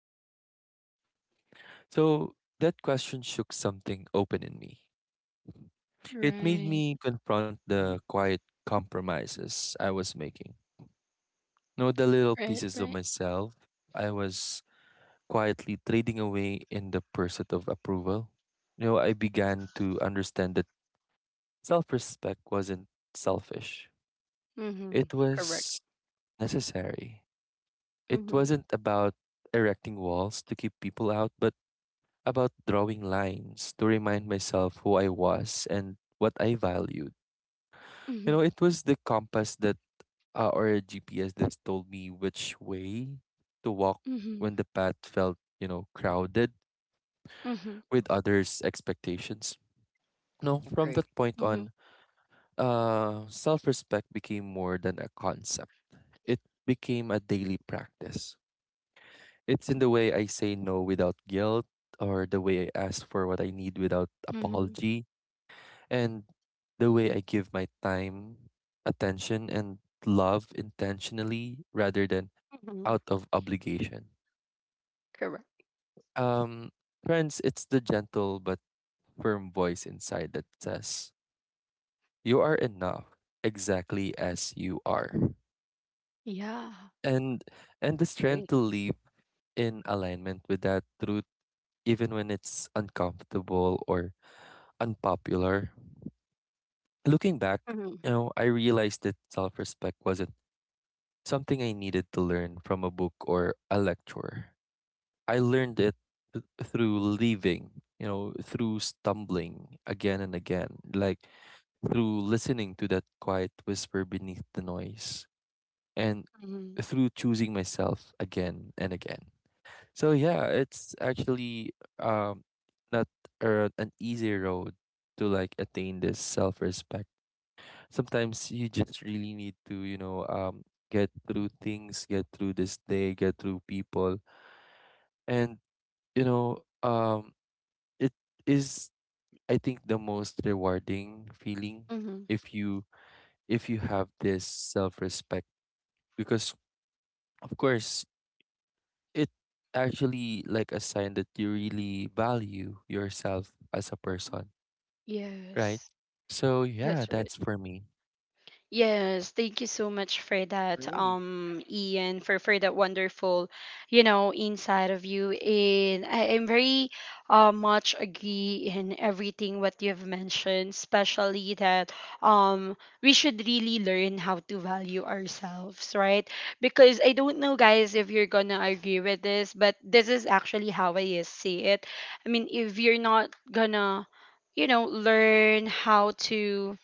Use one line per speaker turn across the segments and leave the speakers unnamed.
saying yes? So that question shook something open in me. It made
Right.
me confront the
Mm-hmm.
quiet compromises I was making. You know, the little
Right.
pieces of
Right.
myself I was quietly trading away in the pursuit of approval. You know, I began to understand that self respect wasn't selfish, it
Mhm. Correct.
was necessary. It
Mhm.
wasn't about erecting walls to keep people out, but about drawing lines to remind myself who I was and what I valued. You know,
Mhm.
it was the compass that, or a GPS that told me which way to walk
Mhm.
when the path felt, crowded
Mhm.
with others' expectations. No, from that
Agree.
point
Mhm.
on, self respect became more than a concept, it became a daily practice. It's in the way I say no without guilt, or the way I ask for what I need without
Mhm.
apology, and the way I give my time, attention, and love intentionally rather than
Mhm.
out of obligation.
Correct.
Um, Friends, it's the gentle but firm voice inside that says, you are enough exactly as you are.
Yeah.
And the strength to
Agree.
live in alignment with that truth, even when it's uncomfortable or unpopular. Looking back,
Mhm.
I realized that self respect wasn't something I needed to learn from a book or a lecture. I learned it through leaving, through stumbling again and again, like through listening to that quiet whisper beneath the noise, and
Mhm.
through choosing myself again and again. So yeah, it's actually not an easy road to like attain this self-respect. Sometimes you just really need to get through things, get through this day, get through people, and you know um it is, I think, the most rewarding feeling
Mhm.
if you have this self-respect because, of course, it actually like a sign that you really value yourself as a person, right?
Yes.
So yeah,
That's right.
that's for me.
Yes, thank you so much for that,
Agree.
Ian, for that wonderful, you know, inside of you. And I am very much agree in everything what you've mentioned, especially that um we should really learn how to value ourselves, right? Because I don't know, guys, if you're gonna agree with this, but this is actually how I see it. I mean, if you're not gonna, you know, learn how to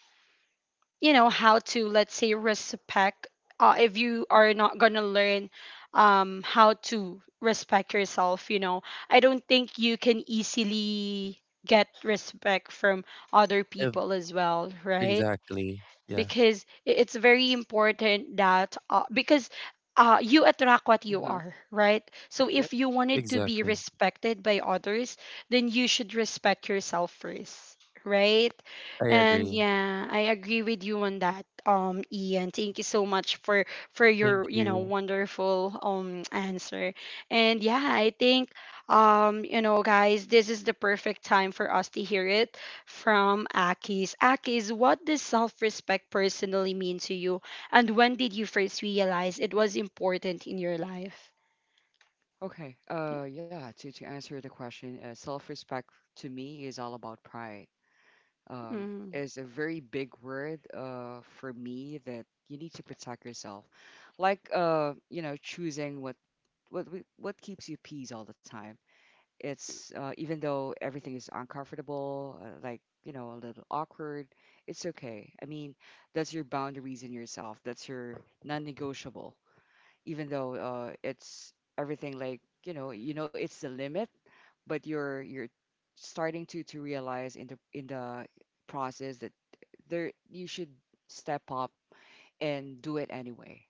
you know how to let's say respect if you are not gonna learn how to respect yourself, you know, I don't think you can easily get respect from other
Ev-
people as well, right?
exactly. Yeah,
Because it's very important that because you attract what you
Uh-huh.
are, right? So
Yep.
if you wanted to be
exactly.
respected by others, then you should respect yourself first, right?
I
And
agree.
yeah, I agree with you on that, Ian. Thank you so much for
Thank
your you know
you.
wonderful answer. And yeah, I think you know guys, this is the perfect time for us to hear it from Akis. Akis, what does self respect personally mean to you? And when did you first realize it was important in your life?
Okay.
Yeah.
Yeah. To answer the question, self-respect to me is all about pride. um,
Mm-hmm.
is a very big word for me that you need to protect yourself. Like, choosing what what keeps you peace all the time. It's, even though everything is uncomfortable, like, a little awkward. It's okay. I mean, that's your boundaries in yourself. That's your non-negotiable. Even though, it's everything like, it's the limit, but you're starting to realize in the process that there you should step up and do it anyway.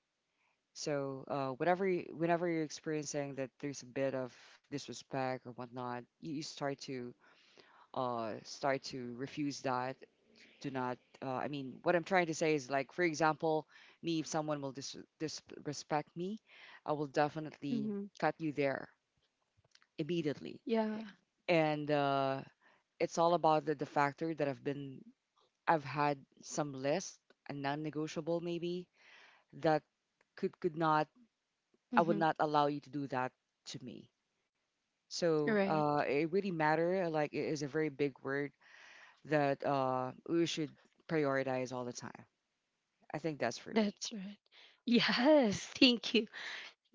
So, whenever you're experiencing that there's a bit of disrespect or whatnot, you start to refuse that. Do not. I mean, what I'm trying to say is, like, for example, me, if someone will disrespect me, I will definitely
Mm-hmm,
cut you there immediately.
yeah.
And, it's all about the factor that I've had some list, a non-negotiable maybe, that could not I
Mm-hmm.
would not allow you to do that to me. So,
Right.
it really matter. Like it is a very big word that, we should prioritize all the time. I think that's for me.
That's right. Yes.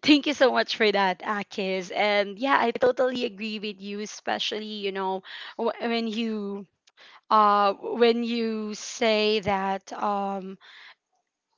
Thank you so much for that, Akis. And yeah, I totally agree with you, especially, you know, wh- when you. When you say that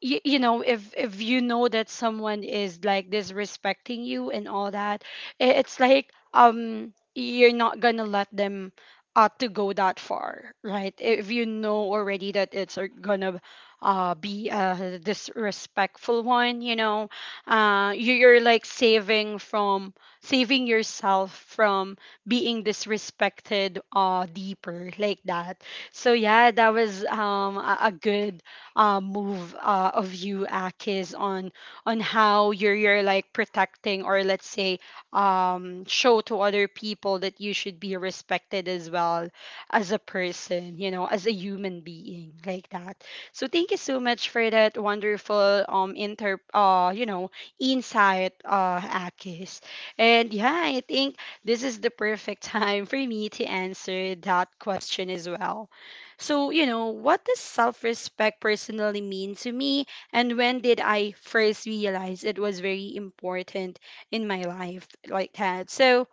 you, you know if you know that someone is like disrespecting you and all that it's like you're not gonna let them to go that far, right? If you know already that it's gonna be a disrespectful one, you know, you, you're like saving from saving yourself from being disrespected deeper like that. So yeah, that was a good move of you, Akis, on how you're like protecting or let's say show to other people that you should be respected as well as a person, you know, as a human being like that. So thank you so much for that wonderful inter you know insight Akis. And yeah, I think this is the perfect time for me to answer that question as well. So, you know, what does self respect personally mean to me? And when did I first realize it was very important in my life like that? So,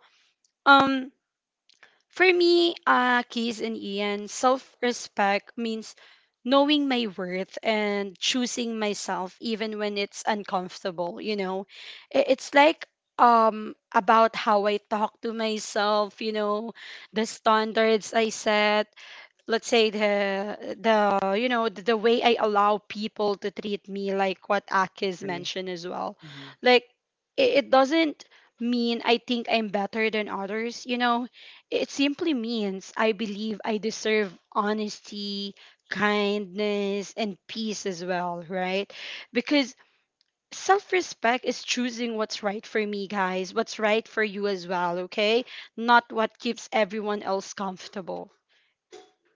um, for me, Keys and Ian, self respect means knowing my worth and choosing myself even when it's uncomfortable, you know? It's like, about how I talk to myself, you know, the standards I set, let's say the you know the way I allow people to treat me, like what Akis
Agree.
mentioned as well,
Hmm.
like it doesn't mean I think I'm better than others, you know, it simply means I believe I deserve honesty, kindness and peace as well, right? Because self-respect is choosing what's right for me, guys, what's right for you as well, okay, not what keeps everyone else comfortable.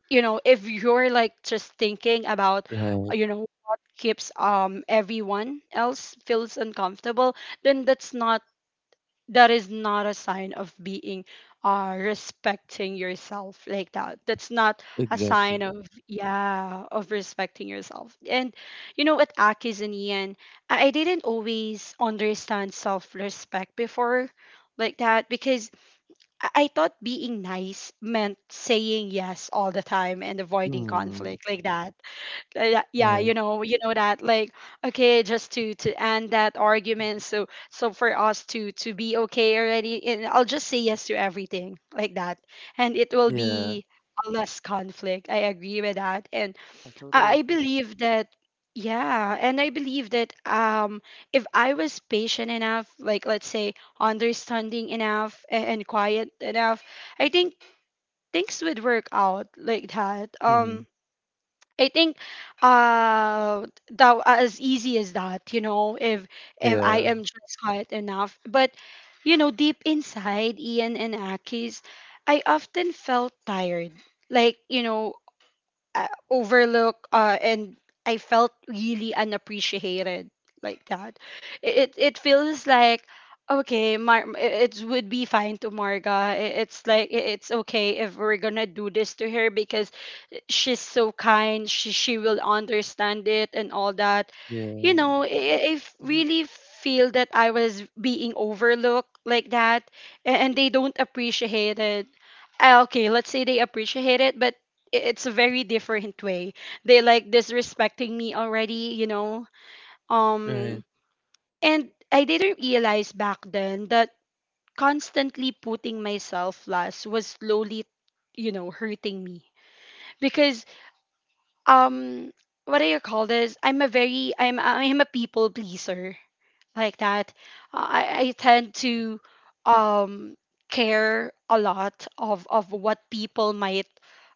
You know, if you're like just thinking about
Right.
you know what keeps everyone else feels uncomfortable, then that's not, that is not a sign of being respecting yourself like that. That's not a
Exactly.
sign of, yeah, of respecting yourself. And you know at Akis and Ian, I didn't always understand self-respect before like that because I thought being nice meant saying yes all the time and avoiding
Mm.
conflict like that. Like that- Yeah,
Right.
you know that like okay, just to end that argument. So so for us to be okay already, and I'll just say yes to everything like that, and it will
Yeah.
be a less conflict. I agree with that, and
Yeah, totally
I
agree.
believe that, yeah, and I believe that if I was patient enough, like let's say understanding enough and quiet enough, I think things would work out like that.
Mm.
I think uh that as easy as that, you know, if I
Yeah.
am just quiet enough. But you know, deep inside Ian and Aki's, I often felt tired. Like, you know, overlook and I felt really unappreciated like that. It feels like okay, it it would be fine to Marga. It's like it's okay if we're gonna do this to her because she's so kind, she will understand it and all that, you
Yeah.
know,
Hmm.
really feel that I was being overlooked like that and they don't appreciate it. Ah, okay, let's say they appreciate it, but it's a very different way, they like disrespecting me already, you know,
Right.
um and I didn't realize back then that constantly putting myself last was slowly, you know, hurting me because um what do you call this, I'm a very I'm a people pleaser like that. I tend to um care a lot of what people might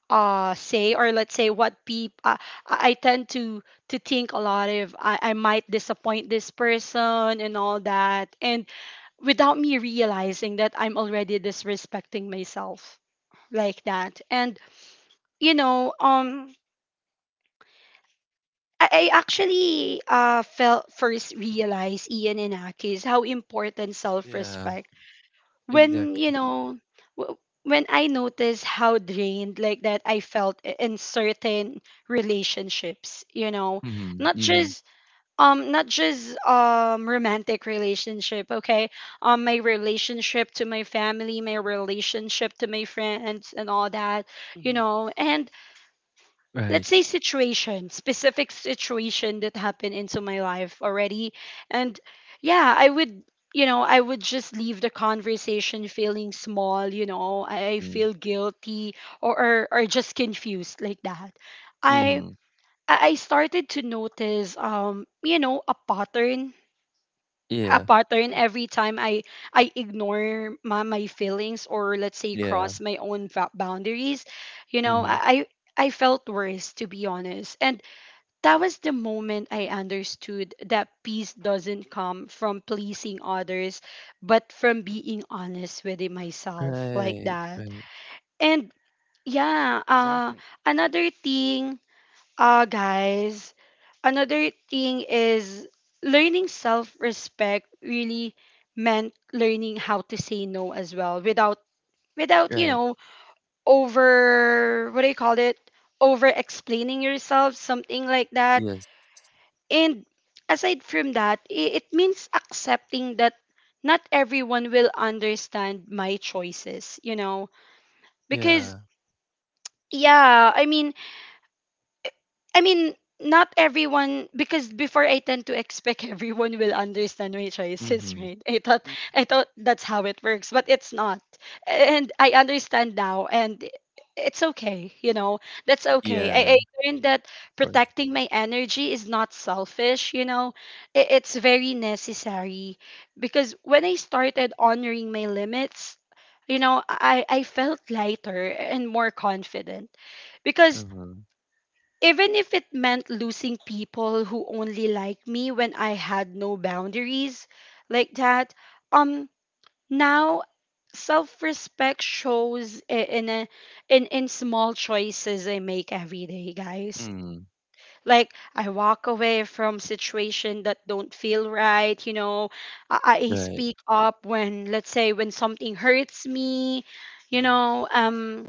say or let's say what people I tend to think a lot if I might disappoint this person and all that, and without me realizing that I'm already disrespecting myself like that. And you know I actually felt first realized Ian and Akis how important
Yeah.
self-respect when you
Exactly.
know w- when I noticed how drained like that I felt in certain relationships, you know,
Mm.
not
Mm.
just not just romantic relationship, okay, my relationship to my family, my relationship to my friends and all that, you
Hmm.
know, and
Right.
let's say situation, specific situation that happened into my life already. And yeah, I would, you know, I would just leave the conversation feeling small, you know, I
Mm.
feel guilty or or just confused like that. i i
Mm.
I started to notice you know a pattern, a
Yeah.
pattern,
Yeah,
every time I ignore my feelings or let's say
Yeah.
cross my own boundaries, you know,
Mm.
I felt worse, to be honest. And that was the moment I understood that peace doesn't come from pleasing others, but from being honest with it myself, like
Right.
that.
Right.
And yeah,
exactly.
another thing, guys, another thing is learning self respect really meant learning how to say no as well, without,
Right.
over, what do you call it? Over explaining yourself, something like that.
Yes.
And aside from that, it means accepting that not everyone will understand my choices, you know? Because,
Yeah.
yeah, I mean, not everyone, because before I tend to expect everyone will understand my choices,
Mm.
right? I thought
Hmm.
I thought that's how it works, but it's not. And I understand now, and it's okay, you know. That's okay.
Yeah.
I learned that
Of course.
protecting my energy is not selfish, you know. It's very necessary, because when I started honoring my limits, you know, I felt lighter and more confident, because
Mm.
even if it meant
Exactly.
losing people who only liked me when I had no boundaries, like that. Um Now self-respect shows I- in a, in in small choices I make every day, guys.
Mm.
Like I walk away from situations that don't feel right, you know. I, I
Right.
speak up when, let's say, when something hurts me, you
Hmm.
know.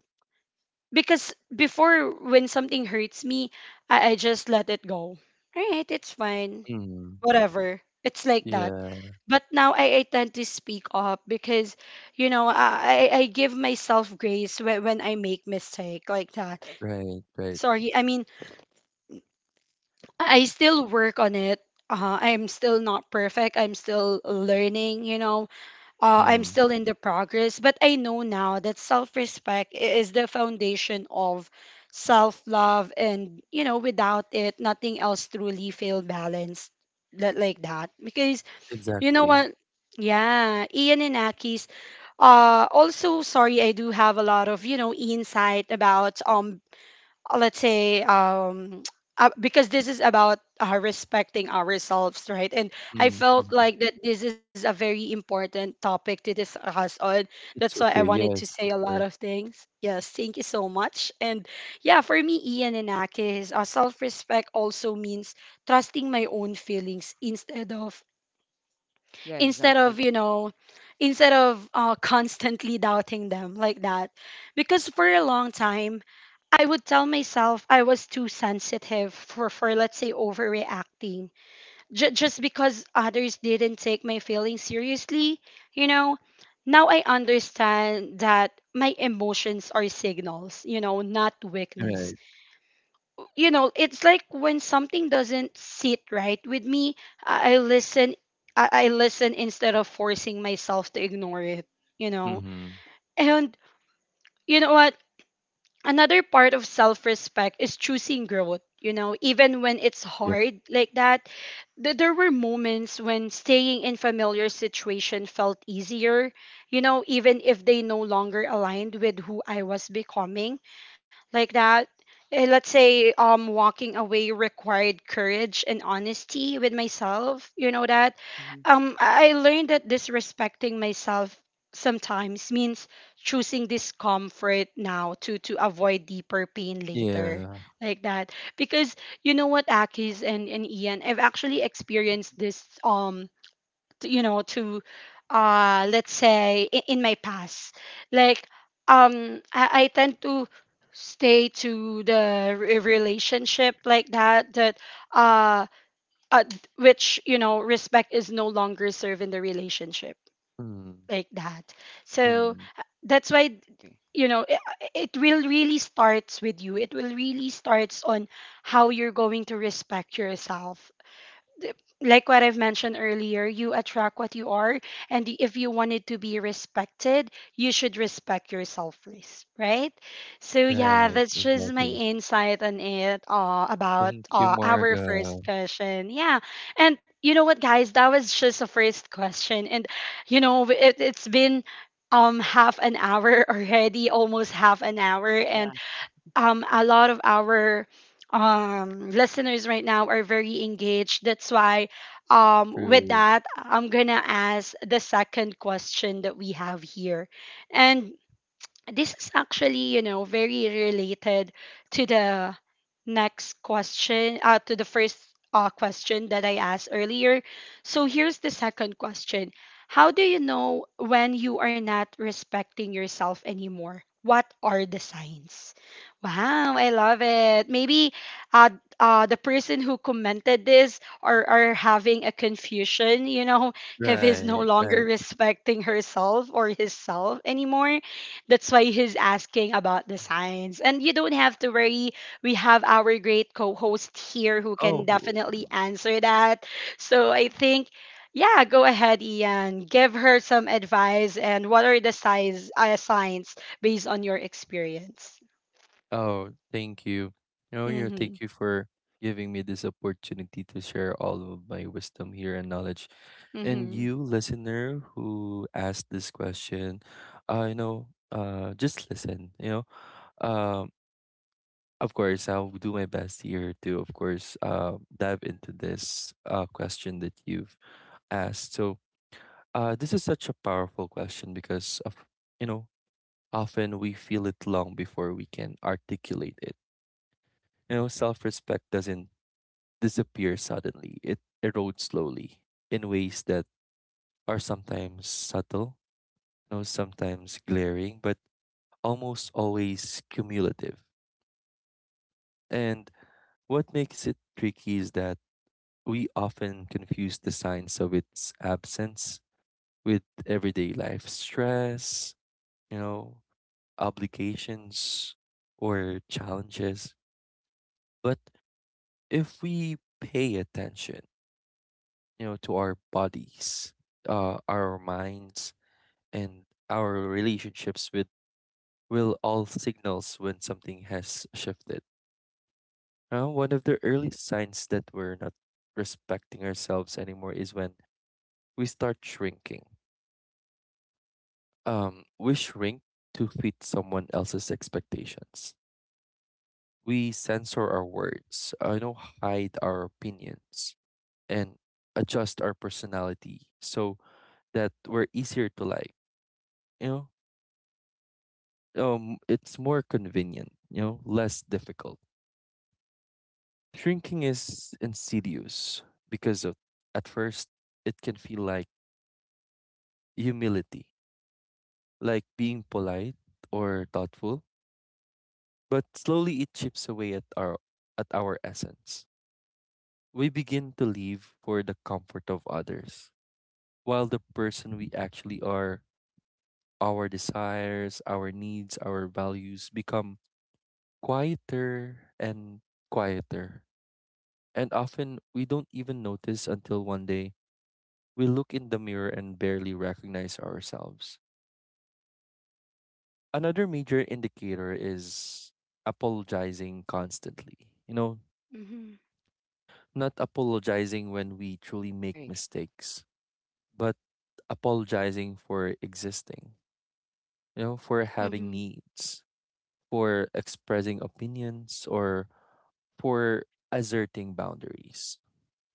Because before, when something hurts me, I just let it go. All right, it's fine.
Mm.
Whatever. It's like that.
Yeah.
But now, I tend to speak up because, you know, I give myself grace when I make mistake, like that.
Right. Right.
Sorry, I mean, I
Agree.
I still work on it. I'm still not perfect. I'm still learning, you know. I'm
Mm.
still in the progress, but I know now that self respect is the foundation of self love. And, you know, without it, nothing else truly feel balanced. That, like that. Because, you know
Exactly.
what? Yeah, Ian and Aki's. Also, sorry, I do have a lot of, you know, insight about let's say, because this is about, respecting ourselves, right? And I
Mm.
felt
Mm.
like that this is a very important topic to discuss on. That's
It's
why I
okay.
wanted to
Yes.
say a
Of
lot
course.
of things. Yes, thank you so much. And yeah, for me, Ian and Akis, self-respect also means trusting my own feelings
Yeah,
instead
exactly.
of you know instead of constantly doubting them, like that. Because for a long time I would tell myself I was too sensitive for, let's say, overreacting. Just because others didn't take my feelings seriously, you know, now I understand that my emotions are signals, you know, not weakness.
Right.
You know, it's like when something doesn't sit right with me, I listen. I listen instead of forcing myself to ignore it, you know.
Mm.
And you know what? Another part of self-respect is choosing growth, you know, even when it's hard, like that. There were moments when staying in familiar situation felt easier, you know, even if they no longer aligned with who I was becoming, like that. Eh, let's say, walking away required courage and honesty with myself. You know that.
Hmm.
I learned that disrespecting myself sometimes means choosing discomfort now to avoid deeper pain later,
Yeah.
like that. Because, you know what, Akis and, Ian, I've actually experienced this. T- you know to Let's say, in, my past, like, I tend to stay to the relationship, like that, uh, which, you know, respect is no longer served in the relationship,
Hmm.
like that. So,
Mm.
that's why,
Agree.
you know, it will really starts with you. It will really starts on how you're going to respect yourself. th- like what I've mentioned earlier, you attract what you are. And if you wanted to be respected, you should respect yourself first, right? So, yeah,
Right,
that's just my
exactly.
insight on it, about
Thank you,
our
Marga.
first question. Yeah. And you know what, guys? That was just a first question. And, you know, it's been half an hour already, almost half an hour, and
Yeah,
a lot of our listeners right now are very engaged. That's why, with
True.
that, I'm gonna ask the second question that we have here. And this is actually, you know, very related to the next question, to the first question that I asked earlier. So here's the second question: how do you know when you are not respecting yourself anymore? What are the signs? Wow, I love it. Maybe uh, the person who commented this are having a confusion, you know, if he's no
Right,
longer
right.
respecting herself or his self anymore. That's why he's asking about the signs. And you don't have to worry. We have our great co host here who can
Oh,
definitely answer that. So I think, yeah, go ahead, Ian. Give her some advice. And what are the signs based on your experience?
oh, thank you. No,
Mm
you.
hmm.
Thank you for giving me this opportunity to share all of my wisdom here and knowledge.
Mm hmm.
And you, listener, who asked this question, you know, just listen. You know, um, of course, I'll do my best here to, of course, dive into this question that you've asked. So, this is such a powerful question because of, you know, often we feel it long before we can articulate it. You know, self-respect doesn't disappear suddenly; it erodes slowly in ways that are sometimes subtle, sometimes glaring, but almost always cumulative. And what makes it tricky is that we often confuse the signs of its absence with everyday life stress, you know, obligations or challenges. But if we pay attention, to our bodies, our minds, and our relationships with will all signals when something has shifted. One of the early signs that we're not respecting ourselves anymore is when we start shrinking. We shrink to fit someone else's expectations. We censor our words, you know, hide our opinions, and adjust our personality so that we're easier to like. You know, it's more convenient. You know, less difficult. Shrinking is insidious because of, at first it can feel like humility, like being polite or thoughtful, but slowly it chips away at our essence. We begin to live for the comfort of others, while the person we actually are, our desires, our needs, our values, become quieter and quieter. And often we don't even notice until one day we look in the mirror and barely recognize ourselves. Another major indicator is apologizing constantly. You know,
Mm hmm.
not apologizing when we truly make
agree.
mistakes, but apologizing for existing, you know, for
Mm hmm.
having needs, for expressing opinions, or for asserting boundaries.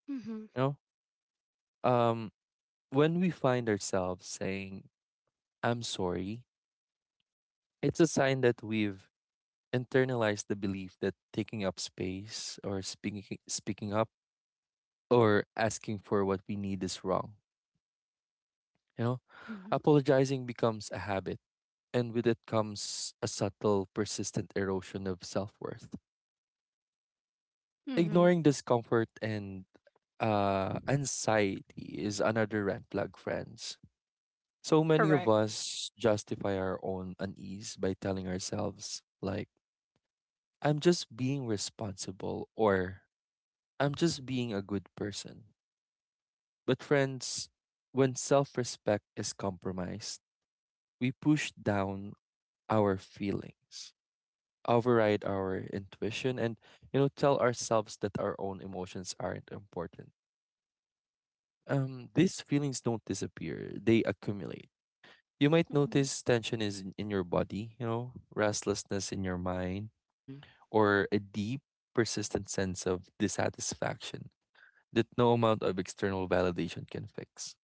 Mm hmm.
You know, when we find ourselves saying, I'm sorry, it's a sign that we've internalized the belief that taking up space or speaking up or asking for what we need is wrong. You know,
Mm hmm.
apologizing becomes a habit, and with it comes a subtle, persistent erosion of self worth.
Mm-hmm.
Ignoring discomfort and anxiety is another red flag, friends. So many of
Correct.
us justify our own unease by telling ourselves, like, I'm just being responsible or I'm just being a good person. But, friends, when self respect is compromised, we push down our feelings, override our intuition, and, you know, tell ourselves that our own emotions aren't important. These feelings don't disappear, they accumulate. You might
Mm hmm.
notice tension is in your body, you know, restlessness in your mind,
Hmm.
or a deep, persistent sense of dissatisfaction that no amount of external validation can fix.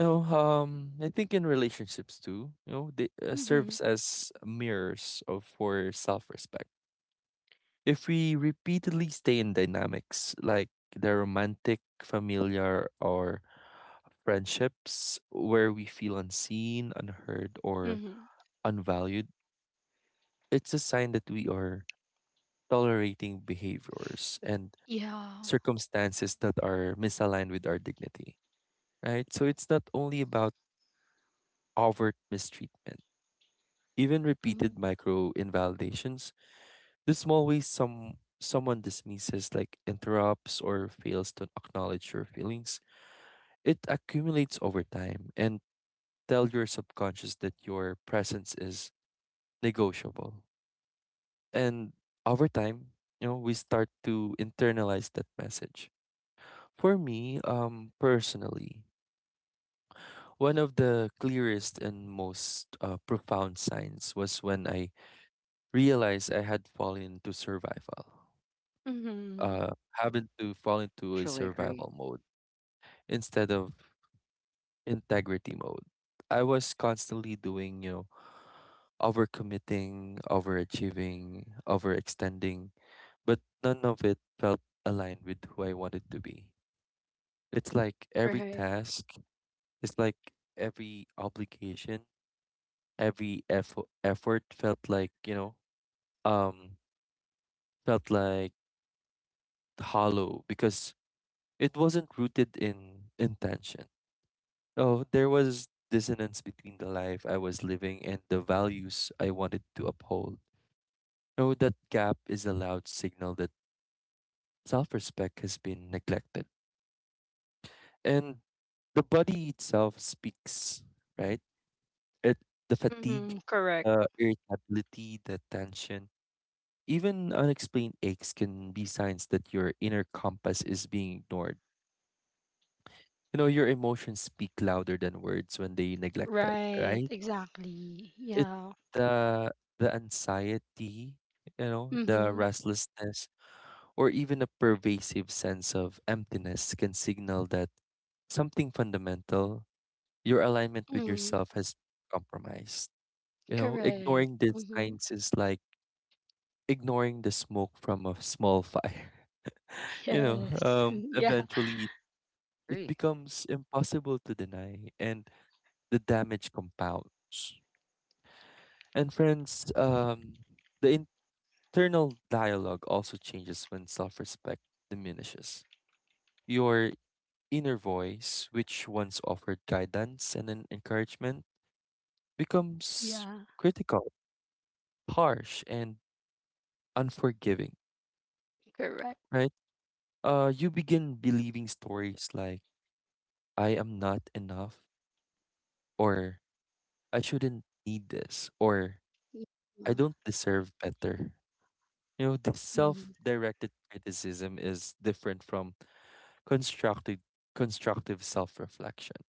You know, I think in relationships too, you know, they
Mm hmm.
serves as mirrors of for self-respect. If we repeatedly stay in dynamics like the romantic, familiar, or friendships where we feel unseen, unheard,
Mm
or
hmm.
unvalued, it's a sign that we are tolerating behaviors and
Yeah.
circumstances that are misaligned with our dignity, right? So it's not only about overt mistreatment, even
Mm
repeated
hmm.
micro invalidations, the small ways someone dismisses, like interrupts or fails to acknowledge your feelings, it accumulates over time and tell your subconscious that your presence is negotiable. And over time, you know, we start to internalize that message. For me, personally, one of the clearest and most profound signs was when I realized I had fallen into survival,
Mm hmm.
uh, having to fall into a
Truly agree.
survival mode instead of integrity mode. I was constantly doing, you know, overcommitting, overachieving, overextending, but none of it felt aligned with who I wanted to be. It's like every
Right.
task It's like every obligation, every effort felt like, um, felt like hollow because it wasn't rooted in intention. So there was dissonance between the life I was living and the values I wanted to uphold. So that gap is a loud signal that self respect has been neglected. And the body itself speaks, right? It The
Mm
fatigue,
hmm. Correct.
the irritability, the tension. Even unexplained aches can be signs that your inner compass is being ignored. You know, your emotions speak louder than words when they neglect it,
Right,
right?
exactly.
It
Yeah.
the the anxiety, you know, the
Mm-hmm.
restlessness, or even a pervasive sense of emptiness can signal that something fundamental, your alignment with
Mm-hmm.
yourself has compromised. You know,
Correct.
ignoring these
Mm-hmm.
signs is like ignoring the smoke from a small fire
Yes. Yeah.
eventually it
Agree.
becomes impossible to deny and the damage compounds. And friends, the internal dialogue also changes when self respect diminishes. Your inner voice, which once offered guidance and an encouragement, becomes
Yeah.
critical, harsh, and unforgiving,
Correct.
right? You begin believing stories like, I am not enough, or I shouldn't need this, or I
Yeah.
don't deserve better. You know, this
Mm-hmm.
self-directed criticism is different from constructive constructive self-reflection.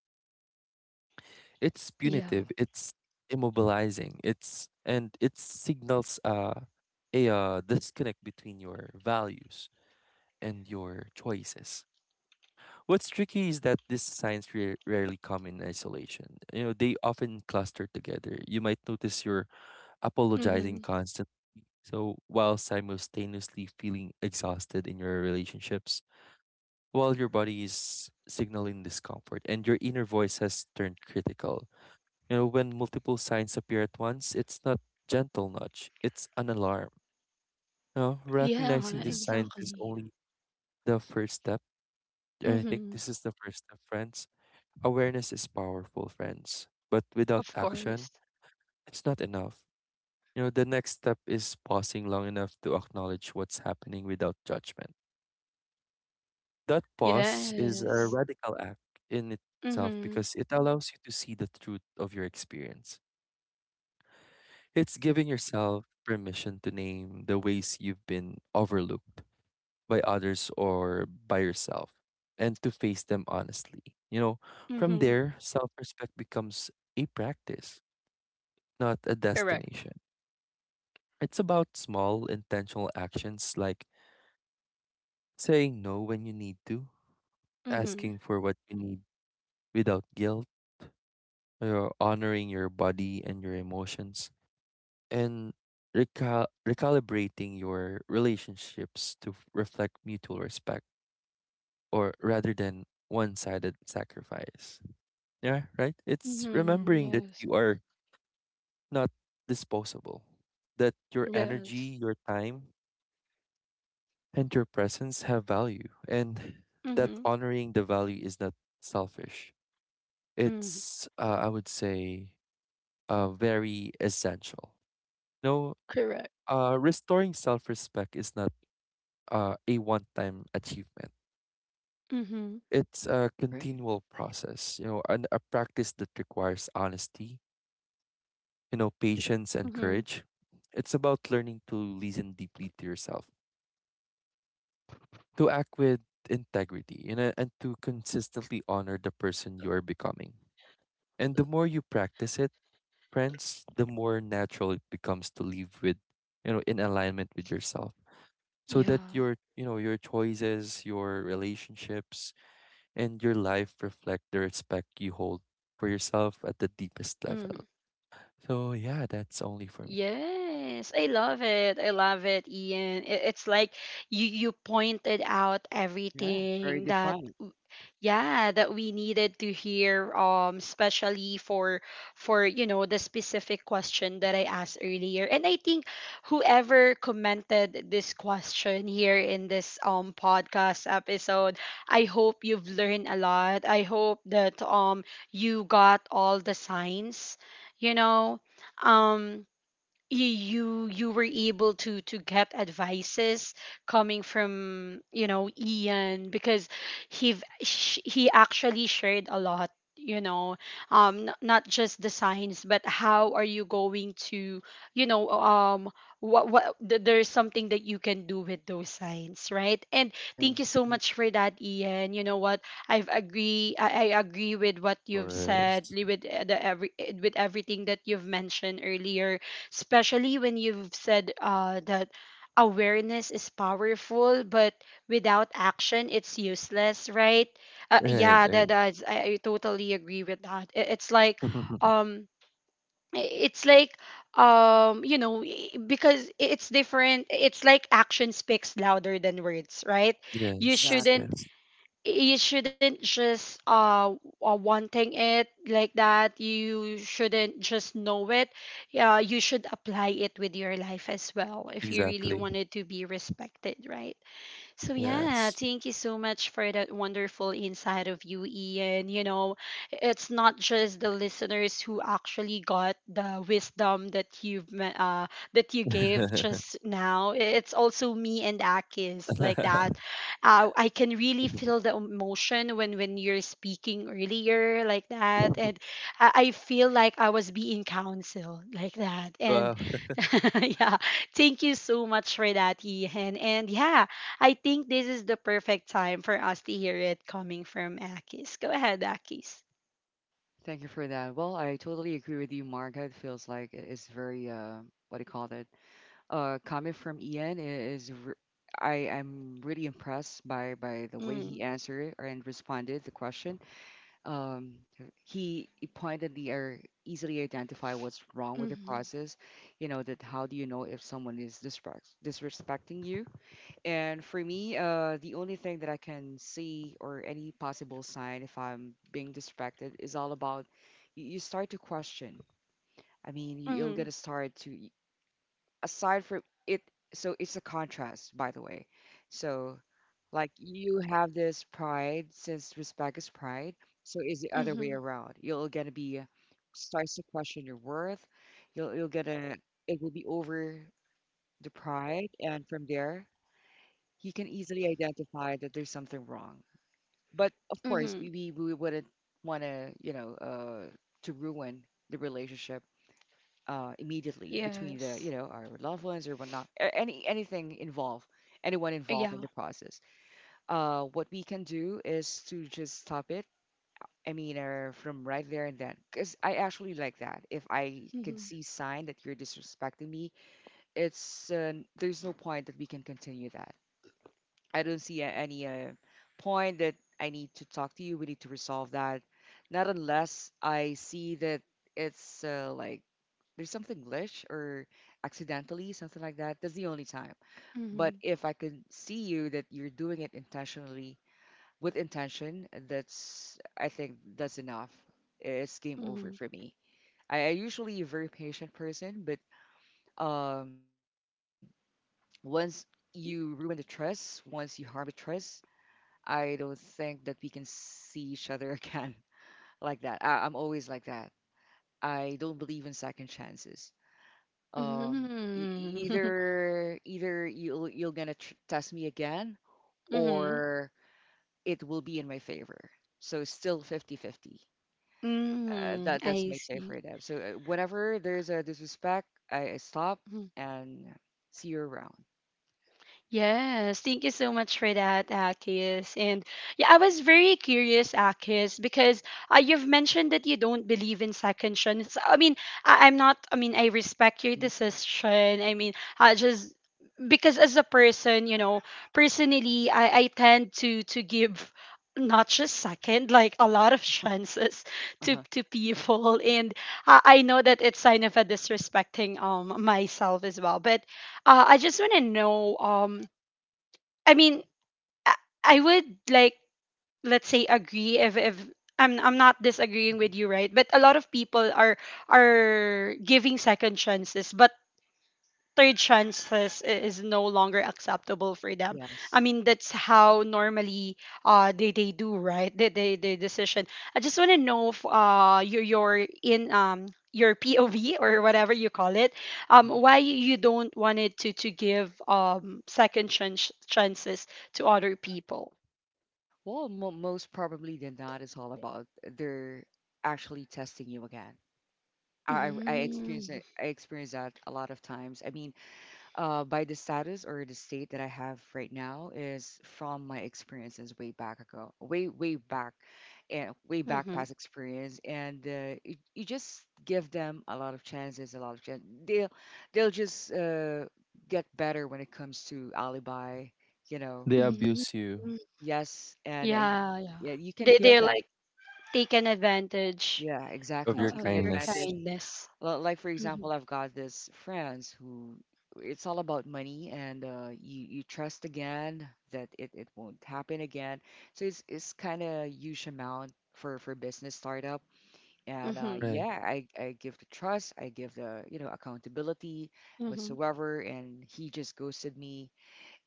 It's
Yeah.
punitive, it's immobilizing, it's and it signals a disconnect between your values and your choices. What's tricky is that these signs rarely come in isolation. You know, they often cluster together. You might notice you're apologizing
Mm-hmm.
constantly. So while simultaneously feeling exhausted in your relationships, while your body is signaling discomfort and your inner voice has turned critical. You know, when multiple signs appear at once, it's not gentle nudge, it's an alarm. You know, recognizing
Yeah,
Mhm.
these signs is
exactly.
only the first step. And I think
Mm-hmm.
this is the first step, friends. Awareness is powerful, friends, but without
Of
action,
course.
it's not enough. You know, the next step is pausing long enough to acknowledge what's happening without judgment. That pause is a
Yes.
radical act in itself
Mm-hmm.
because it allows you to see the truth of your experience. It's giving yourself permission to name the ways you've been overlooked by others or by yourself and to face them honestly. You know, from
Mm-hmm.
there, self respect becomes a practice, not a
Correct.
destination. It's about small intentional actions like saying no when you need to,
Mm-hmm.
asking for what you need without guilt. You're honoring your body and your emotions and recalibrating your relationships to reflect mutual respect or rather than one-sided sacrifice. Yeah, right? It's
Mm-hmm.
remembering that
Yes.
you are not disposable, that your
Yes.
energy, your time, and your
Mhm.
presence have value and that
Mm-hmm.
honoring the value is not selfish.
Mm.
It's I would say very essential. No.
Correct.
Restoring self respect is not a one time achievement,
Mm-hmm.
it's a
Great.
continual process, you know, and a practice that requires honesty, you know, patience, and
Mm-hmm.
courage. It's about learning to listen deeply to yourself, to act with integrity, you know, and to consistently honor the person you are becoming. And the more you practice it, friends, the more natural it becomes to live with, you know, in alignment with yourself. So that
Yeah.
your, you know, your choices, your relationships, and your life reflect the respect you hold for yourself at the deepest
Mm.
level. So yeah, that's only for me.
Yes, I love it. I love it, Ian. It's like, you pointed out
Yeah, very
everything that
defiant.
yeah, that we needed to hear, especially for, you know, the specific question that I asked earlier. And I think whoever commented this question here in this podcast episode, I hope you've learned a lot. I hope that you got all the signs, you know. Um you you were able to get advices coming from, you know, Ian, because he he actually shared a lot, you know, not just the signs, but how are you going to, you know, what there's something that you can do with those signs, right? And thank you
Agree.
so
Mhm.
much for that, Ian. You know what, I agree with what
Of
you've said,
course.
with everything that you've mentioned earlier, especially when you've said that awareness is powerful, but without action, it's useless, right?
Right,
Yeah,
right.
that's — I totally agree with that. It's like, um, i- it's like, you know, because it's different. It's like action speaks louder than words, right? You
Yes,
shouldn't
Exactly.
yes.
you shouldn't just, wanting it, like that. You shouldn't just know it. Yeah, you should apply it with your life as well, if you really
Exactly.
wanted to be respected, right? So yeah,
Yes.
thank you so much for that wonderful insight of you, Ian. You know, it's not just the listeners who actually got the wisdom that you've that you gave just now. It's also me and Akis, like that. I can really feel the emotion when you're speaking earlier, like that. And I feel like I was being counseled, like that. And
Wow.
yeah, thank you so much for that, Ian. And yeah, I think this is the perfect time for us to hear it coming from Akis. Go ahead, Akis.
Thank you for that. Well, I totally agree with you, Mark. It feels like it's very, what do you call that? Comment from Ian I- is re- I am really impressed by the way
Mm,
he answered and responded the question. Um, he pointedly or easily identify what's wrong with the
mm-hmm,
process. You know that, how do you know if someone is disrespecting you? And for me, the only thing that I can see or any possible sign if I'm being distracted is all about, you start to question. I mean, you're
mm-hmm,
gonna start to aside from it. So it's a contrast, by the way. So, like, you have this pride, since respect is pride. So is the other
mm-hmm,
way around. You're gonna be starts to question your worth. You'll you're gonna It will be over the pride, and from there you can easily identify that there's something wrong. But of course,
mm-hmm.
we wouldn't want to, to ruin the relationship, immediately, between the you
Yes.
know our loved ones or whatnot. Anything involved, anyone involved in
Yeah.
the process. What we can do is to just stop it. I mean, or from right there and then, because I actually like that. If I can
Mm-hmm,
see sign that you're disrespecting me, it's there's no point that we can continue that. I don't see any, point that I need to talk to you. We need to resolve that. Not unless I see that it's, like, there's something glitch or accidentally, something like that. That's the only time.
mm-hmm,
But if I can see you that you're doing it intentionally with intention, that's, I think that's enough. It's game over
mm-hmm.
for me. I usually a very patient person, but, um, once you ruin the trust, once you harm the trust, I don't think that we can see each other again like that. I'm always like that. I don't believe in second chances. Um, e- e-,
Mm-hmm.
either either you're gonna test me again,
Mm-hmm.
or it will be in my favor. So still 50-50. Uh,
Mm-hmm.
that that's
I
my take
see.
for that. So, whenever there's a disrespect, I stop and see you around.
Yes, thank you so much for that, Akis. And yeah, I was very curious, Akis, because you've mentioned that you don't believe in second chance. I mean, I'm not, I mean, I respect your
Hmm.
decision. I mean, I just, because as a person, you know, personally, I tend to give not just second, like a lot of chances to
Uh-huh.
people, and I know that it's kind of a disrespecting myself as well. But
Hmm.
I just want to know, I mean, I I would like, let's say, agree, if I'm not disagreeing with you, right? But a lot of people are giving second chances, but third chances is no longer acceptable for them.
Yes.
I mean, that's how normally they do, right? They, they decision. I just want to know if, you're in your POV or whatever you call it,
Mm-hmm.
why you don't want it to give second chance chances to other people.
Well, mo most probably than not, it's all about they're actually testing you again. I experience
Mm-hmm.
it. I experience that a lot of times. I mean, by the status or the state that I have right now is from my experiences way back ago, way back, and way back past experience. And, you just give them a lot of chances, a lot of chance. They'll just, get better when it comes to alibi. You know,
They
Mm,
abuse you
yes, and,
yeah, yeah.
yeah, you can
They
feel
they're
that.
like taken advantage
Yeah,
of
exactly.
your
of
Taking
your
kindness.
advantage.
kindness.
Like, for
Mm-hmm.
example, I've got this friends who it's all about money, and, you trust again that it won't happen again. So it's kind of huge amount for business startup. And,
Right.
yeah, I give the trust, I give the, accountability
Mhm.
whatsoever, and he just ghosted me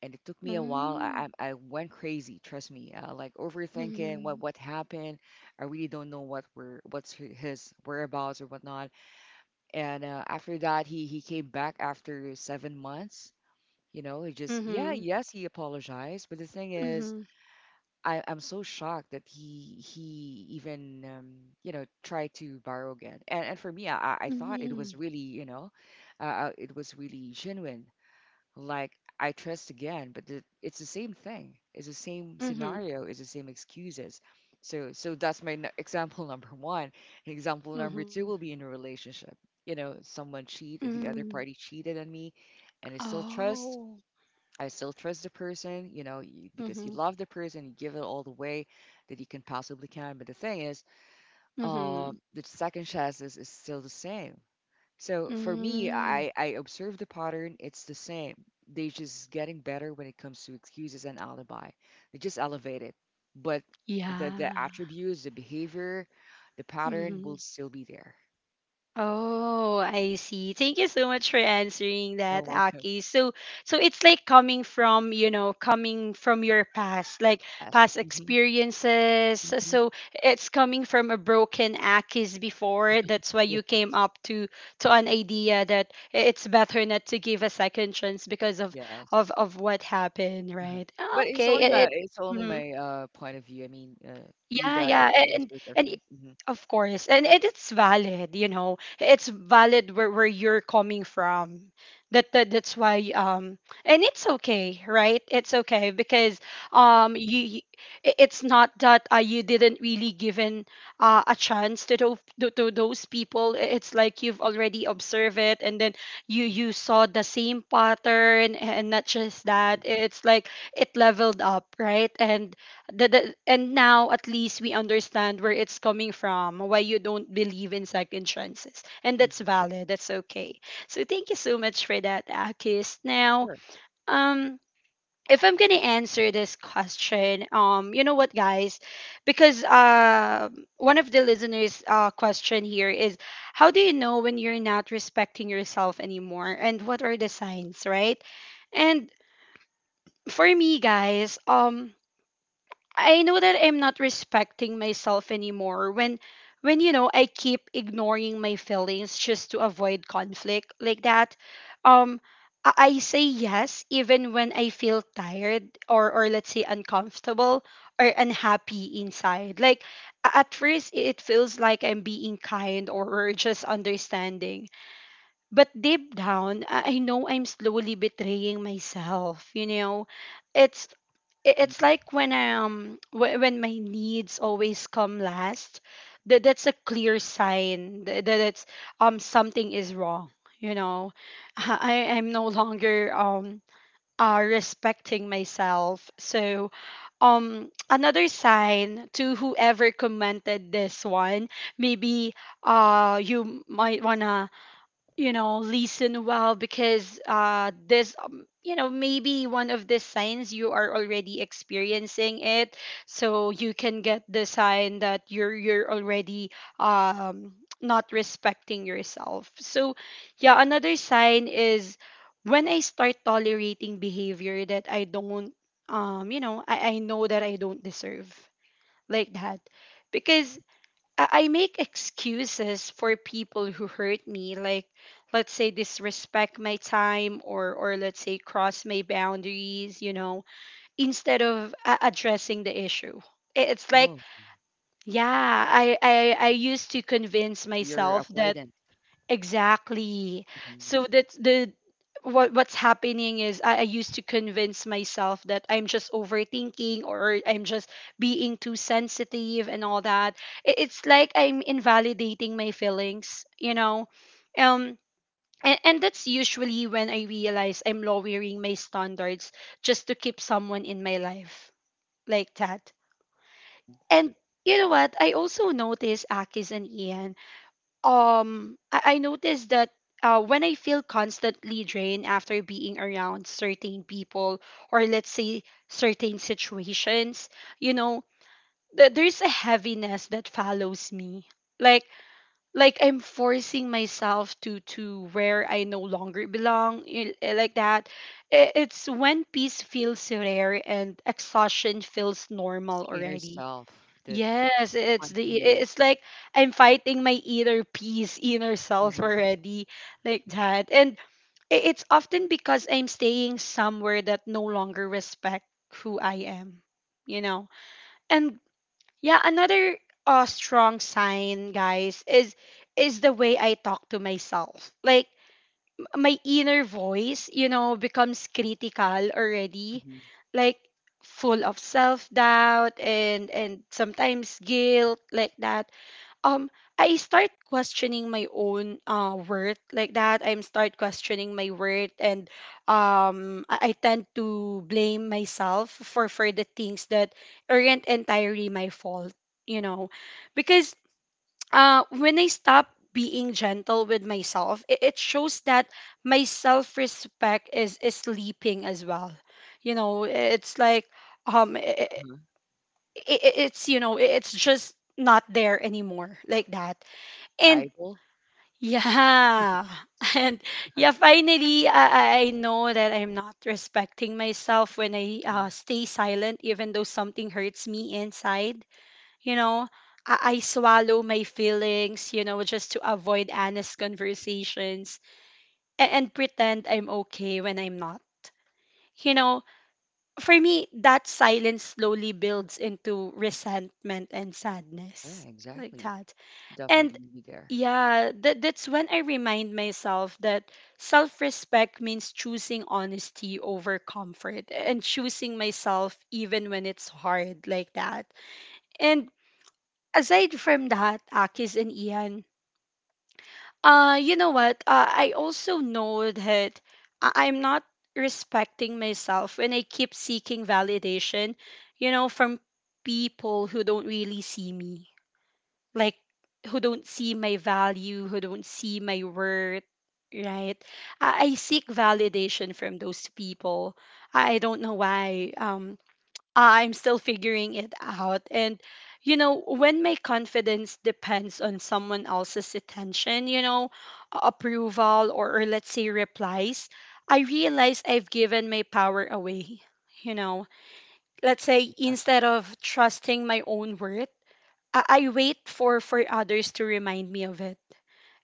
and it took me a while.
Mm.
I went crazy. Trust me, like, overthinking what
Mhm.
what happened. I really don't know what's his whereabouts or whatnot. And, after that, he came back after 7 months. You know, he just, yeah,
Mhm.
yes, he apologized. But the thing is,
Mhm.
I'm so shocked that he even, tried to borrow again. And for me, I thought it was
Mhm.
really, it was really genuine. Like, I trust again, but it's the same thing. It's the same
Mhm.
scenario. It's the same excuses. So that's my example number one. And example number
Mhm.
two will be in a relationship. You know, someone cheat, the other
Mm.
party cheated on me, and I still trust.
Oh.
I still trust the person. You know, because
Mhm.
you love the person, you give it all the way that you can possibly can. But the thing is,
Mhm.
the second chances is still the same. So for me,
Mm.
I observe the pattern. It's the same. They just getting better when it comes to excuses and alibi. They just elevate it. But the
Yeah.
attributes, the behavior, the pattern will
Mhm.
still be there.
Oh, I see. Thank you so much for answering
You're
that,
welcome.
Aki. So, so it's like coming from, you know, coming from your past, like
Yes.
past
Hmm.
experiences.
Hmm.
So it's coming from a broken Aki's before. That's why
Yeah.
you came up to an idea that it's better not to give a second chance because of
Yes.
of what happened,
uh
right? Ah,
But it's
Okay,
only
it,
my,
it mm-hmm.
point of view. I mean, you
Yeah,
guys,
yeah,
of
a-
course,
and
we're
and
different.
i-
Hmm.
of course, and it's valid, you know, it's valid where you're coming from. That, that's why and it's okay, right? It's okay because
Yeah.
um you you- it's not that you didn't really given a chance to, to to those people. I- It's like you've already observed it, and then you
Hmm.
you saw the same pattern, and not just that.
Exactly.
It's like it leveled up, right? And the and now at least we understand where it's coming from, why you don't believe in second chances, and that's
Hmm.
valid. That's okay. So thank you so much for that, Akis. Now,
Sure.
um if I'm gonna answer this question, you know what, guys? Because one of the listeners question here is, how do you know when you're not respecting yourself anymore, and what are the signs, right? And for me, guys, I know that I'm not respecting myself anymore when you know, I keep ignoring my feelings just to avoid conflict, like that. Um I say yes even when I feel tired, or let's say uncomfortable or unhappy inside. Like a- at first it feels like I'm being kind, or just understanding. But deep down, I know I'm slowly betraying myself, you know. It's I- it's
Hmm.
like when when my needs always come last, that's a clear sign that, that it's something is wrong, you know. I am no longer respecting myself. So another sign, to whoever commented this one, maybe you might wanna, you know, listen well, because this you know, maybe one of the signs you are already experiencing it, so you can get the sign that you're already um not respecting yourself. So yeah, another sign is when I start tolerating behavior that I don't, you know, I know that I don't deserve, like that. Because I make excuses for people who hurt me, like let's say disrespect my time, or let's say cross my boundaries, you know, instead of addressing the issue. I- It's like,
Oh,
yeah, I I used to convince
you're
myself that,
avoidant.
exactly.
Hmm.
So that's the, what what's happening is, I used to convince myself that I'm just overthinking, or I'm just being too sensitive and all that. It, it's like I'm invalidating my feelings, you know. Um and and, that's usually when I realize I'm lowering my standards just to keep
Yeah.
someone in my life, like that.
Hmm.
And you know what? I also noticed, Akis and Ian, I noticed that, when I feel constantly drained after being around certain people, or let's say certain situations, you know, th- there's a heaviness that follows me. Like like I'm forcing myself to where I no longer belong, like that. I- It's when peace feels rare and exhaustion feels
It's
normal
inner
already.
self that
Yes, it's the,
haunting you.
it's like I'm fighting my inner peace, inner self
Mhm.
already, like that. And I- it's often because I'm staying somewhere that no longer respect who I am, you know. And yeah, another strong sign, guys, is the way I talk to myself. Like my inner voice, you know, becomes
Mhm.
critical already,
Mhm.
like full of self doubt and sometimes guilt, like that. Um, I start questioning my own worth, like that. I'm start questioning my worth, and I tend to blame myself for the things that aren't entirely my fault, you know, because when I stop being gentle with myself, it shows that my self respect is sleeping as well. You know, it's like um, it,
Uh-huh.
it's, you know, it's just not there anymore, like that.
Like
And
idol.
yeah, and yeah, finally, I know that I'm not respecting myself when I,
Mhm.
stay silent, even though something hurts me inside, you know, I swallow my feelings, you know, just to avoid honest conversations, and and pretend I'm okay when I'm not. You know, for me, that silence slowly builds into resentment and
Yeah,
sadness, like
exactly.
that. And
Definitely be there.
yeah, that's when I remind myself that self respect means choosing honesty over comfort, and choosing myself even when it's hard, like that. And aside from that, Akis and Ian, you know what? I also know that I- I'm not respecting myself when I keep seeking validation, you know, from people who don't really see me, like who don't see my value, who don't see my worth. Right, I seek validation from those people. I don't know why. I'm still figuring it out. And, you know, when my confidence depends on someone else's attention, you know, approval, or let's say replies, I realize I've given my power away. You know, let's
Yeah,
say
exactly.
instead of trusting my own worth, I wait for others to remind me of it.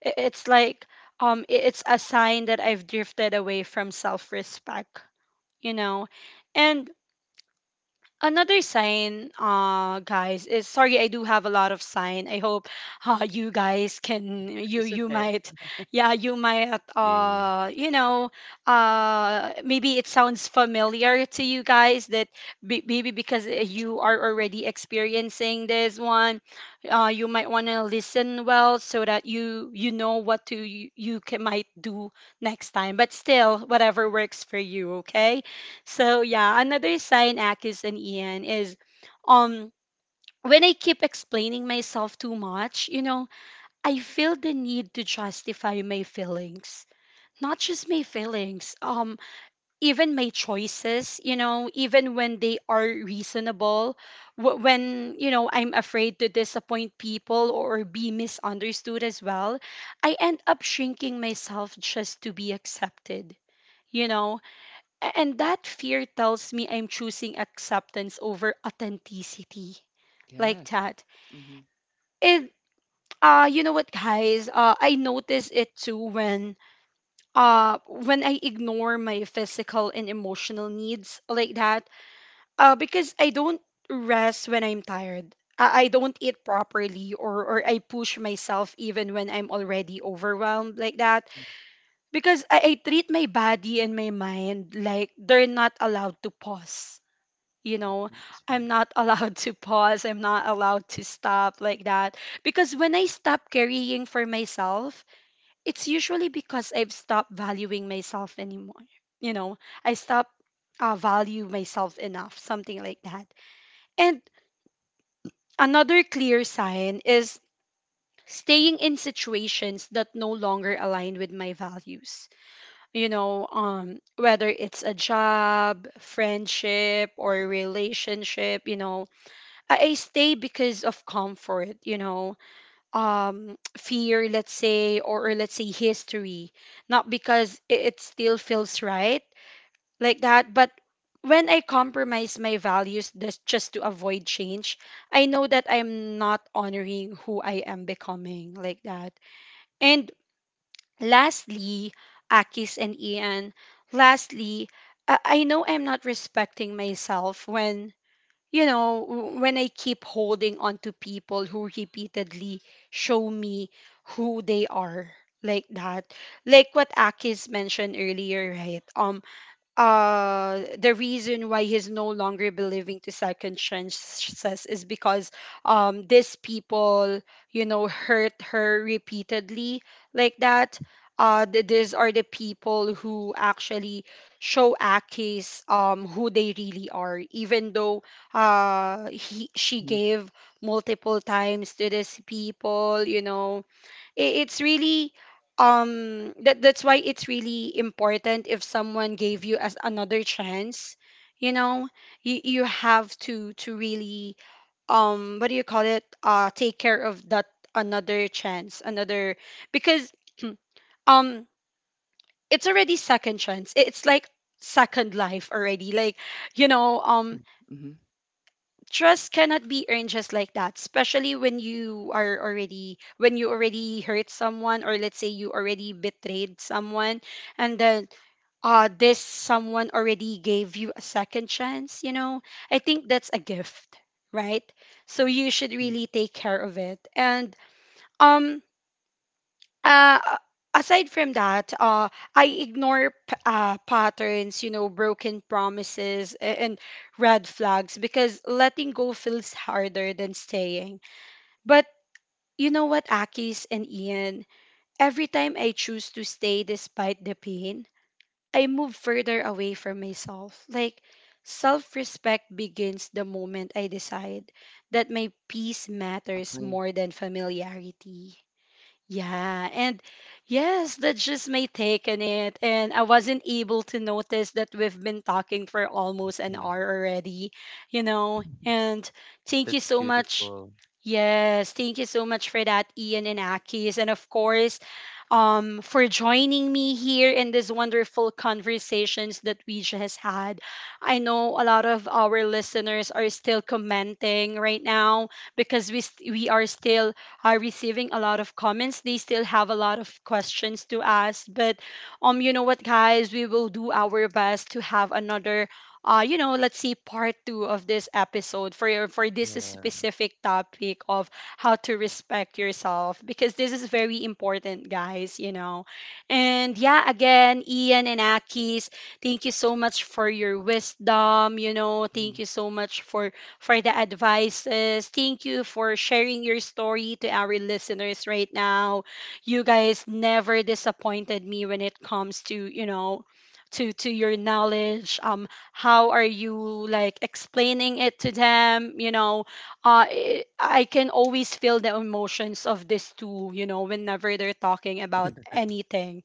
I- It's like, it's a sign that I've drifted away from self respect, you know. And another sign, guys, is, sorry, I do have a lot of sign. I hope you guys can, you
It's
you
okay.
might, yeah, you might
Yeah.
you know, maybe it sounds familiar to you guys, that maybe because, you are already experiencing this one, you might want to listen well so that you know what to, you can might do next time. But still, whatever works for you, okay? So yeah, another sign, Akis and Ian, is um when I keep explaining myself too much, you know, I feel the need to justify my feelings. Not just my feelings, even my choices, you know, even when they are reasonable, when, you know, I'm afraid to disappoint people or be misunderstood as well, I end up shrinking myself just to be accepted, you know? And that fear tells me I'm choosing acceptance over authenticity, like
Yeah.
that.
Mm-hmm.
It, you know what, guys, I notice it too when, when I ignore my physical and emotional needs, like that. Because I don't rest when I'm tired. I don't eat properly, or I push myself even when I'm already overwhelmed, like that.
Hmm.
Because I treat my body and my mind like they're not allowed to pause, you
Oh,
know,
okay, that's
I'm
fine.
not allowed to pause, I'm not allowed to stop, like that. Because when I stop carrying for myself, it's usually because I've stopped valuing myself anymore, you know. I stop, value myself enough, something like that. And another clear sign is staying in situations that no longer align with my values, you know, whether it's a job, friendship, or relationship, you know, I stay because of comfort, you know, fear, let's say, or let's say history, not because it still feels right, like that. But when I compromise my values just to avoid change, I know that I'm not honoring who I am becoming, like that. And lastly, Akis and Ian, lastly, I know I'm not respecting myself when, you know, when I keep holding on to people who repeatedly show me who they are, like that, like what Akis mentioned earlier, right? The reason why he's no longer believing to second chances is because these people, you know, hurt her repeatedly, like that. These are the people who actually show Aki's who they really are, even though he, she
Mm-hmm.
gave multiple times to these people, you know. I- it's really that, that's why it's really important, if someone gave you as another chance, you know, you have to really, what do you call it, take care of that another chance, another, because um it's already second chance, it's like second life already, like, you know.
Good. Mm-hmm.
Trust cannot be earned just like that, especially when you are already, when you already hurt someone, or let's say you already betrayed someone, and then this someone already gave you a second chance, you know, I think that's a gift, right? So you should
Hmm.
really take care of it. And um uh, aside from that, I ignore patterns, you know, broken promises and red flags, because letting go feels harder than staying. But you know what, Akis and Ian, every time I choose to stay despite the pain, I move further away from myself. Like, self respect begins the moment I decide that my peace matters
Exactly.
more than familiarity. Yeah, and yes, that's just my take on it. And I wasn't able to notice that we've been talking for almost an
Mm.
hour already, you know.
Mm-hmm.
And thank you
That's
so much.
beautiful.
Yes, thank you so much for that, Ian and Akis. And of course, for joining me here in this wonderful conversations that we just had. I know a lot of our listeners are still commenting right now because we are still are receiving a lot of comments. They still have a lot of questions to ask. But you know what, guys? We will do our best to have another let's see part two of this episode for your for this
Yeah.
specific topic of how to respect yourself because this is very important, guys, you know. And yeah, again, Ian and Akis, thank you so much for your wisdom, you know, thank
Mm-hmm.
you so much for the advices. Thank you for sharing your story to our listeners right now. You guys never disappointed me when it comes to, you know, to your knowledge. How are you like explaining it to them, you know? I can always feel the emotions of these two, you know, whenever they're talking about anything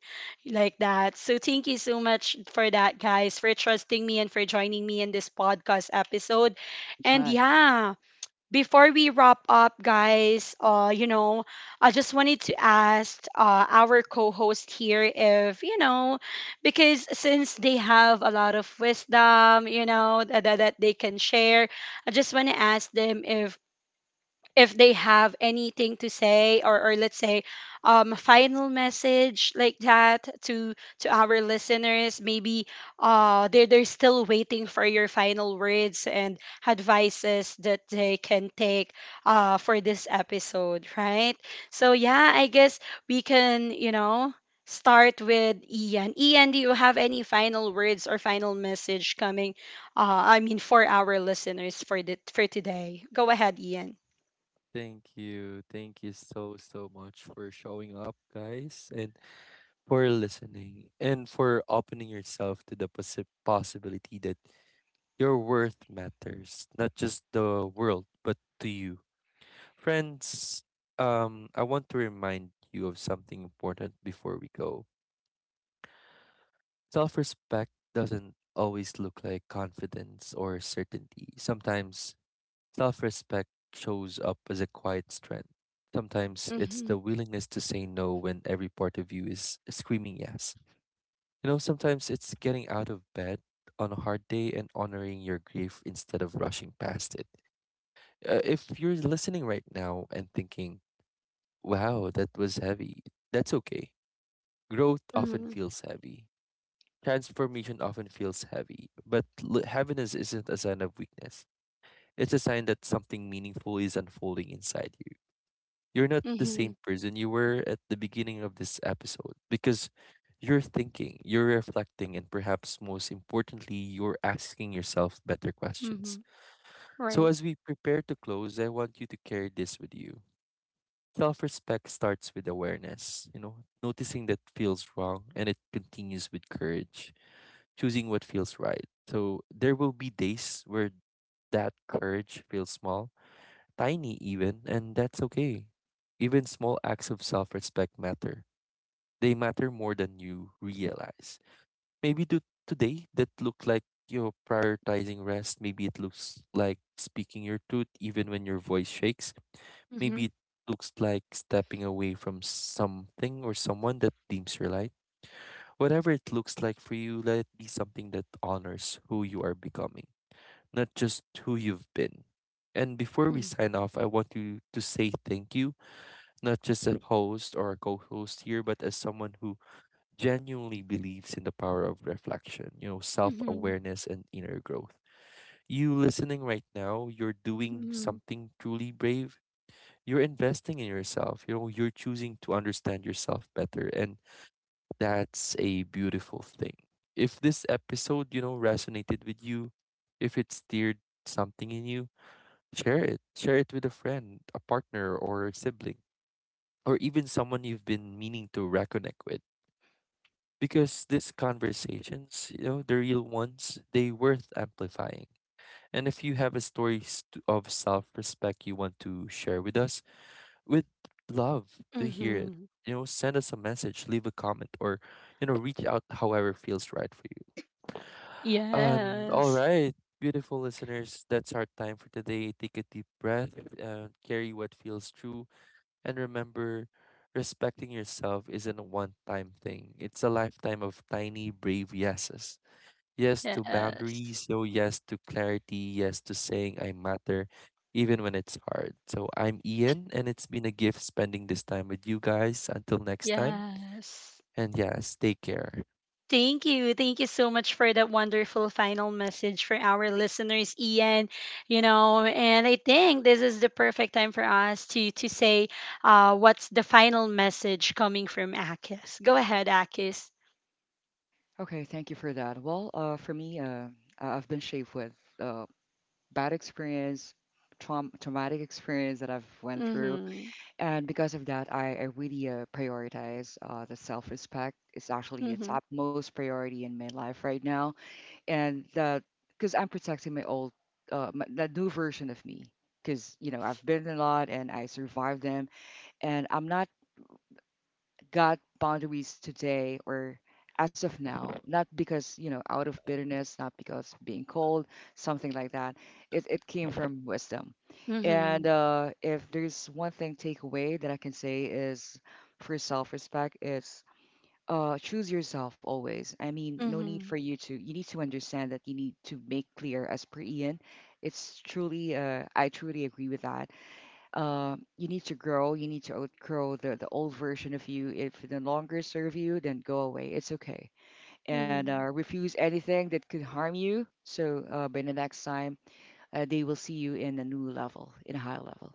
like that. So thank you so much for that, guys, for trusting me and for joining me in this podcast episode. And
Anytime.
yeah, before we wrap up, guys, I just wanted to ask our co-host here if, you know, because since they have a lot of wisdom, you know, that they can share, I just want to ask them if they have anything to say, or let's say a final message like that to our listeners. Maybe they're still waiting for your final words and advices that they can take for this episode, right? So yeah, I guess we can, you know, start with Ian. Ian, do you have any final words or final message coming I mean for our listeners for the for today? Go ahead, Ian.
Thank you. Thank you so, so much for showing up, guys, and for listening and for opening yourself to the possibility that your worth matters, not just the world, but to you. Friends, I want to remind you of something important before we go. Self respect doesn't always look like confidence or certainty. Sometimes self respect shows up as a quiet strength. Sometimes it's the
Mhm.
willingness to say no when every part of you is screaming yes. You know, sometimes it's getting out of bed on a hard day and honoring your grief instead of rushing past it. If you're listening right now and thinking, wow, that was heavy, that's okay. Growth often
Mhm.
feels heavy. Transformation often feels heavy, but heaviness isn't a sign of weakness. It's a sign that something meaningful is unfolding inside you. You're not the same
Mhm.
person you were at the beginning of this episode because you're thinking, you're reflecting, and perhaps most importantly, you're asking yourself better questions.
Mhm.
So,
Right.
as we prepare to close, I want you to carry this with you. Self respect starts with awareness, you know, noticing that feels wrong, and it continues with courage, choosing what feels right. So, there will be days where that courage feels small, tiny even, and that's okay. Even small acts of self respect matter. They matter more than you realize. Maybe do today that look like you're prioritizing rest. Maybe it looks like speaking your truth even when your voice shakes.
Mhm.
Maybe it looks like stepping away from something or someone that dims your light. Whatever it looks like for you, let it be something that honors who you are becoming, not just who you've been. And before we
Mhm.
sign off, I want you to say thank you, not just as host or a co-host here, but as someone who genuinely believes in the power of reflection, you know,
Mhm.
self-awareness and inner growth. You listening right now, you're doing
Mhm.
something truly brave. You're investing in yourself. You know, you're choosing to understand yourself better, and that's a beautiful thing. If this episode, you know, resonated with you, if it stirred something in you, share it. Share it with a friend, a partner, or a sibling, or even someone you've been meaning to reconnect with. Because these conversations, you know, the real ones, they worth amplifying. And if you have a story of self-respect you want to share with us, we'd love to hear it.
Mhm.
You know, send us a message, leave a comment, or you know, reach out however feels right for you. All
Yes.
right, beautiful listeners, that's our time for today. Take a deep breath and carry what feels true. And remember, respecting yourself isn't a one time thing, it's a lifetime of tiny, brave yeses. Yes to
Yes.
boundaries, so yes to clarity, yes to saying I matter, even when it's hard. So I'm Ian, and it's been a gift spending this time with you guys. Until next time,
Yes.
and yes, take care.
Thank you. Thank you so much for that wonderful final message for our listeners, Ian. You know, and I think this is the perfect time for us to say what's the final message coming from Akis. Go ahead, Akis.
Okay, thank you for that. Well, for me, I've been shaped with, uh, bad experience, traumatic experience that I've went through.
Mm-hmm.
And because of that, I really, prioritize, the self respect. It's actually the
Mm-hmm.
top most priority in my life right now, and that because I'm protecting my old, that new version of me. Because, you know, I've been a lot and I survived them, and I'm not got boundaries today or as of now, not because, you know, out of bitterness, not because being cold, something like that. It came from wisdom. And,
Mm-hmm.
if there's one thing takeaway that I can say is for self respect is, choose yourself always. I mean, no need for
Mm-hmm.
you to, you need to understand that you need to make clear, as per Ian, it's truly, I truly agree with that, you need to grow. You need to outgrow the old version of you. If it no longer serve you, then go away. It's okay. And,
Mm-hmm.
refuse anything that could harm you. So, by the next time, they will see you in a new level, in a high level.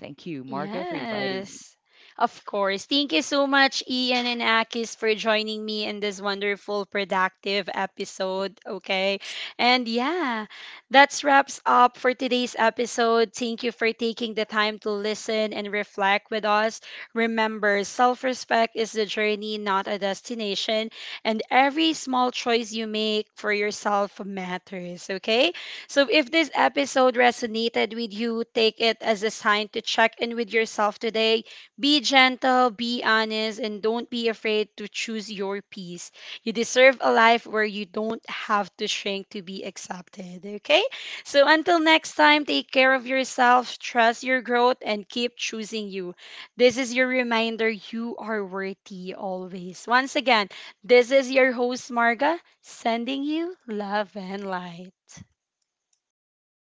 Thank you, Marga, for inviting me.
Yes, of course. Thank you so much, Ian and Akis, for joining me in this wonderful, productive episode. Okay. And yeah, that wraps up for today's episode. Thank you for taking the time to listen and reflect with us. Remember, self respect is the journey, not a destination. And every small choice you make for yourself matters. Okay. So if this episode resonated with you, take it as a sign to check in with yourself today. Be gentle, be honest, and don't be afraid to choose your peace. You deserve a life where you don't have to shrink to be accepted, okay? So until next time, take care of yourself, trust your growth, and keep choosing you. This is your reminder you are worthy always. Once again, this is your host, Marga, sending you love and light.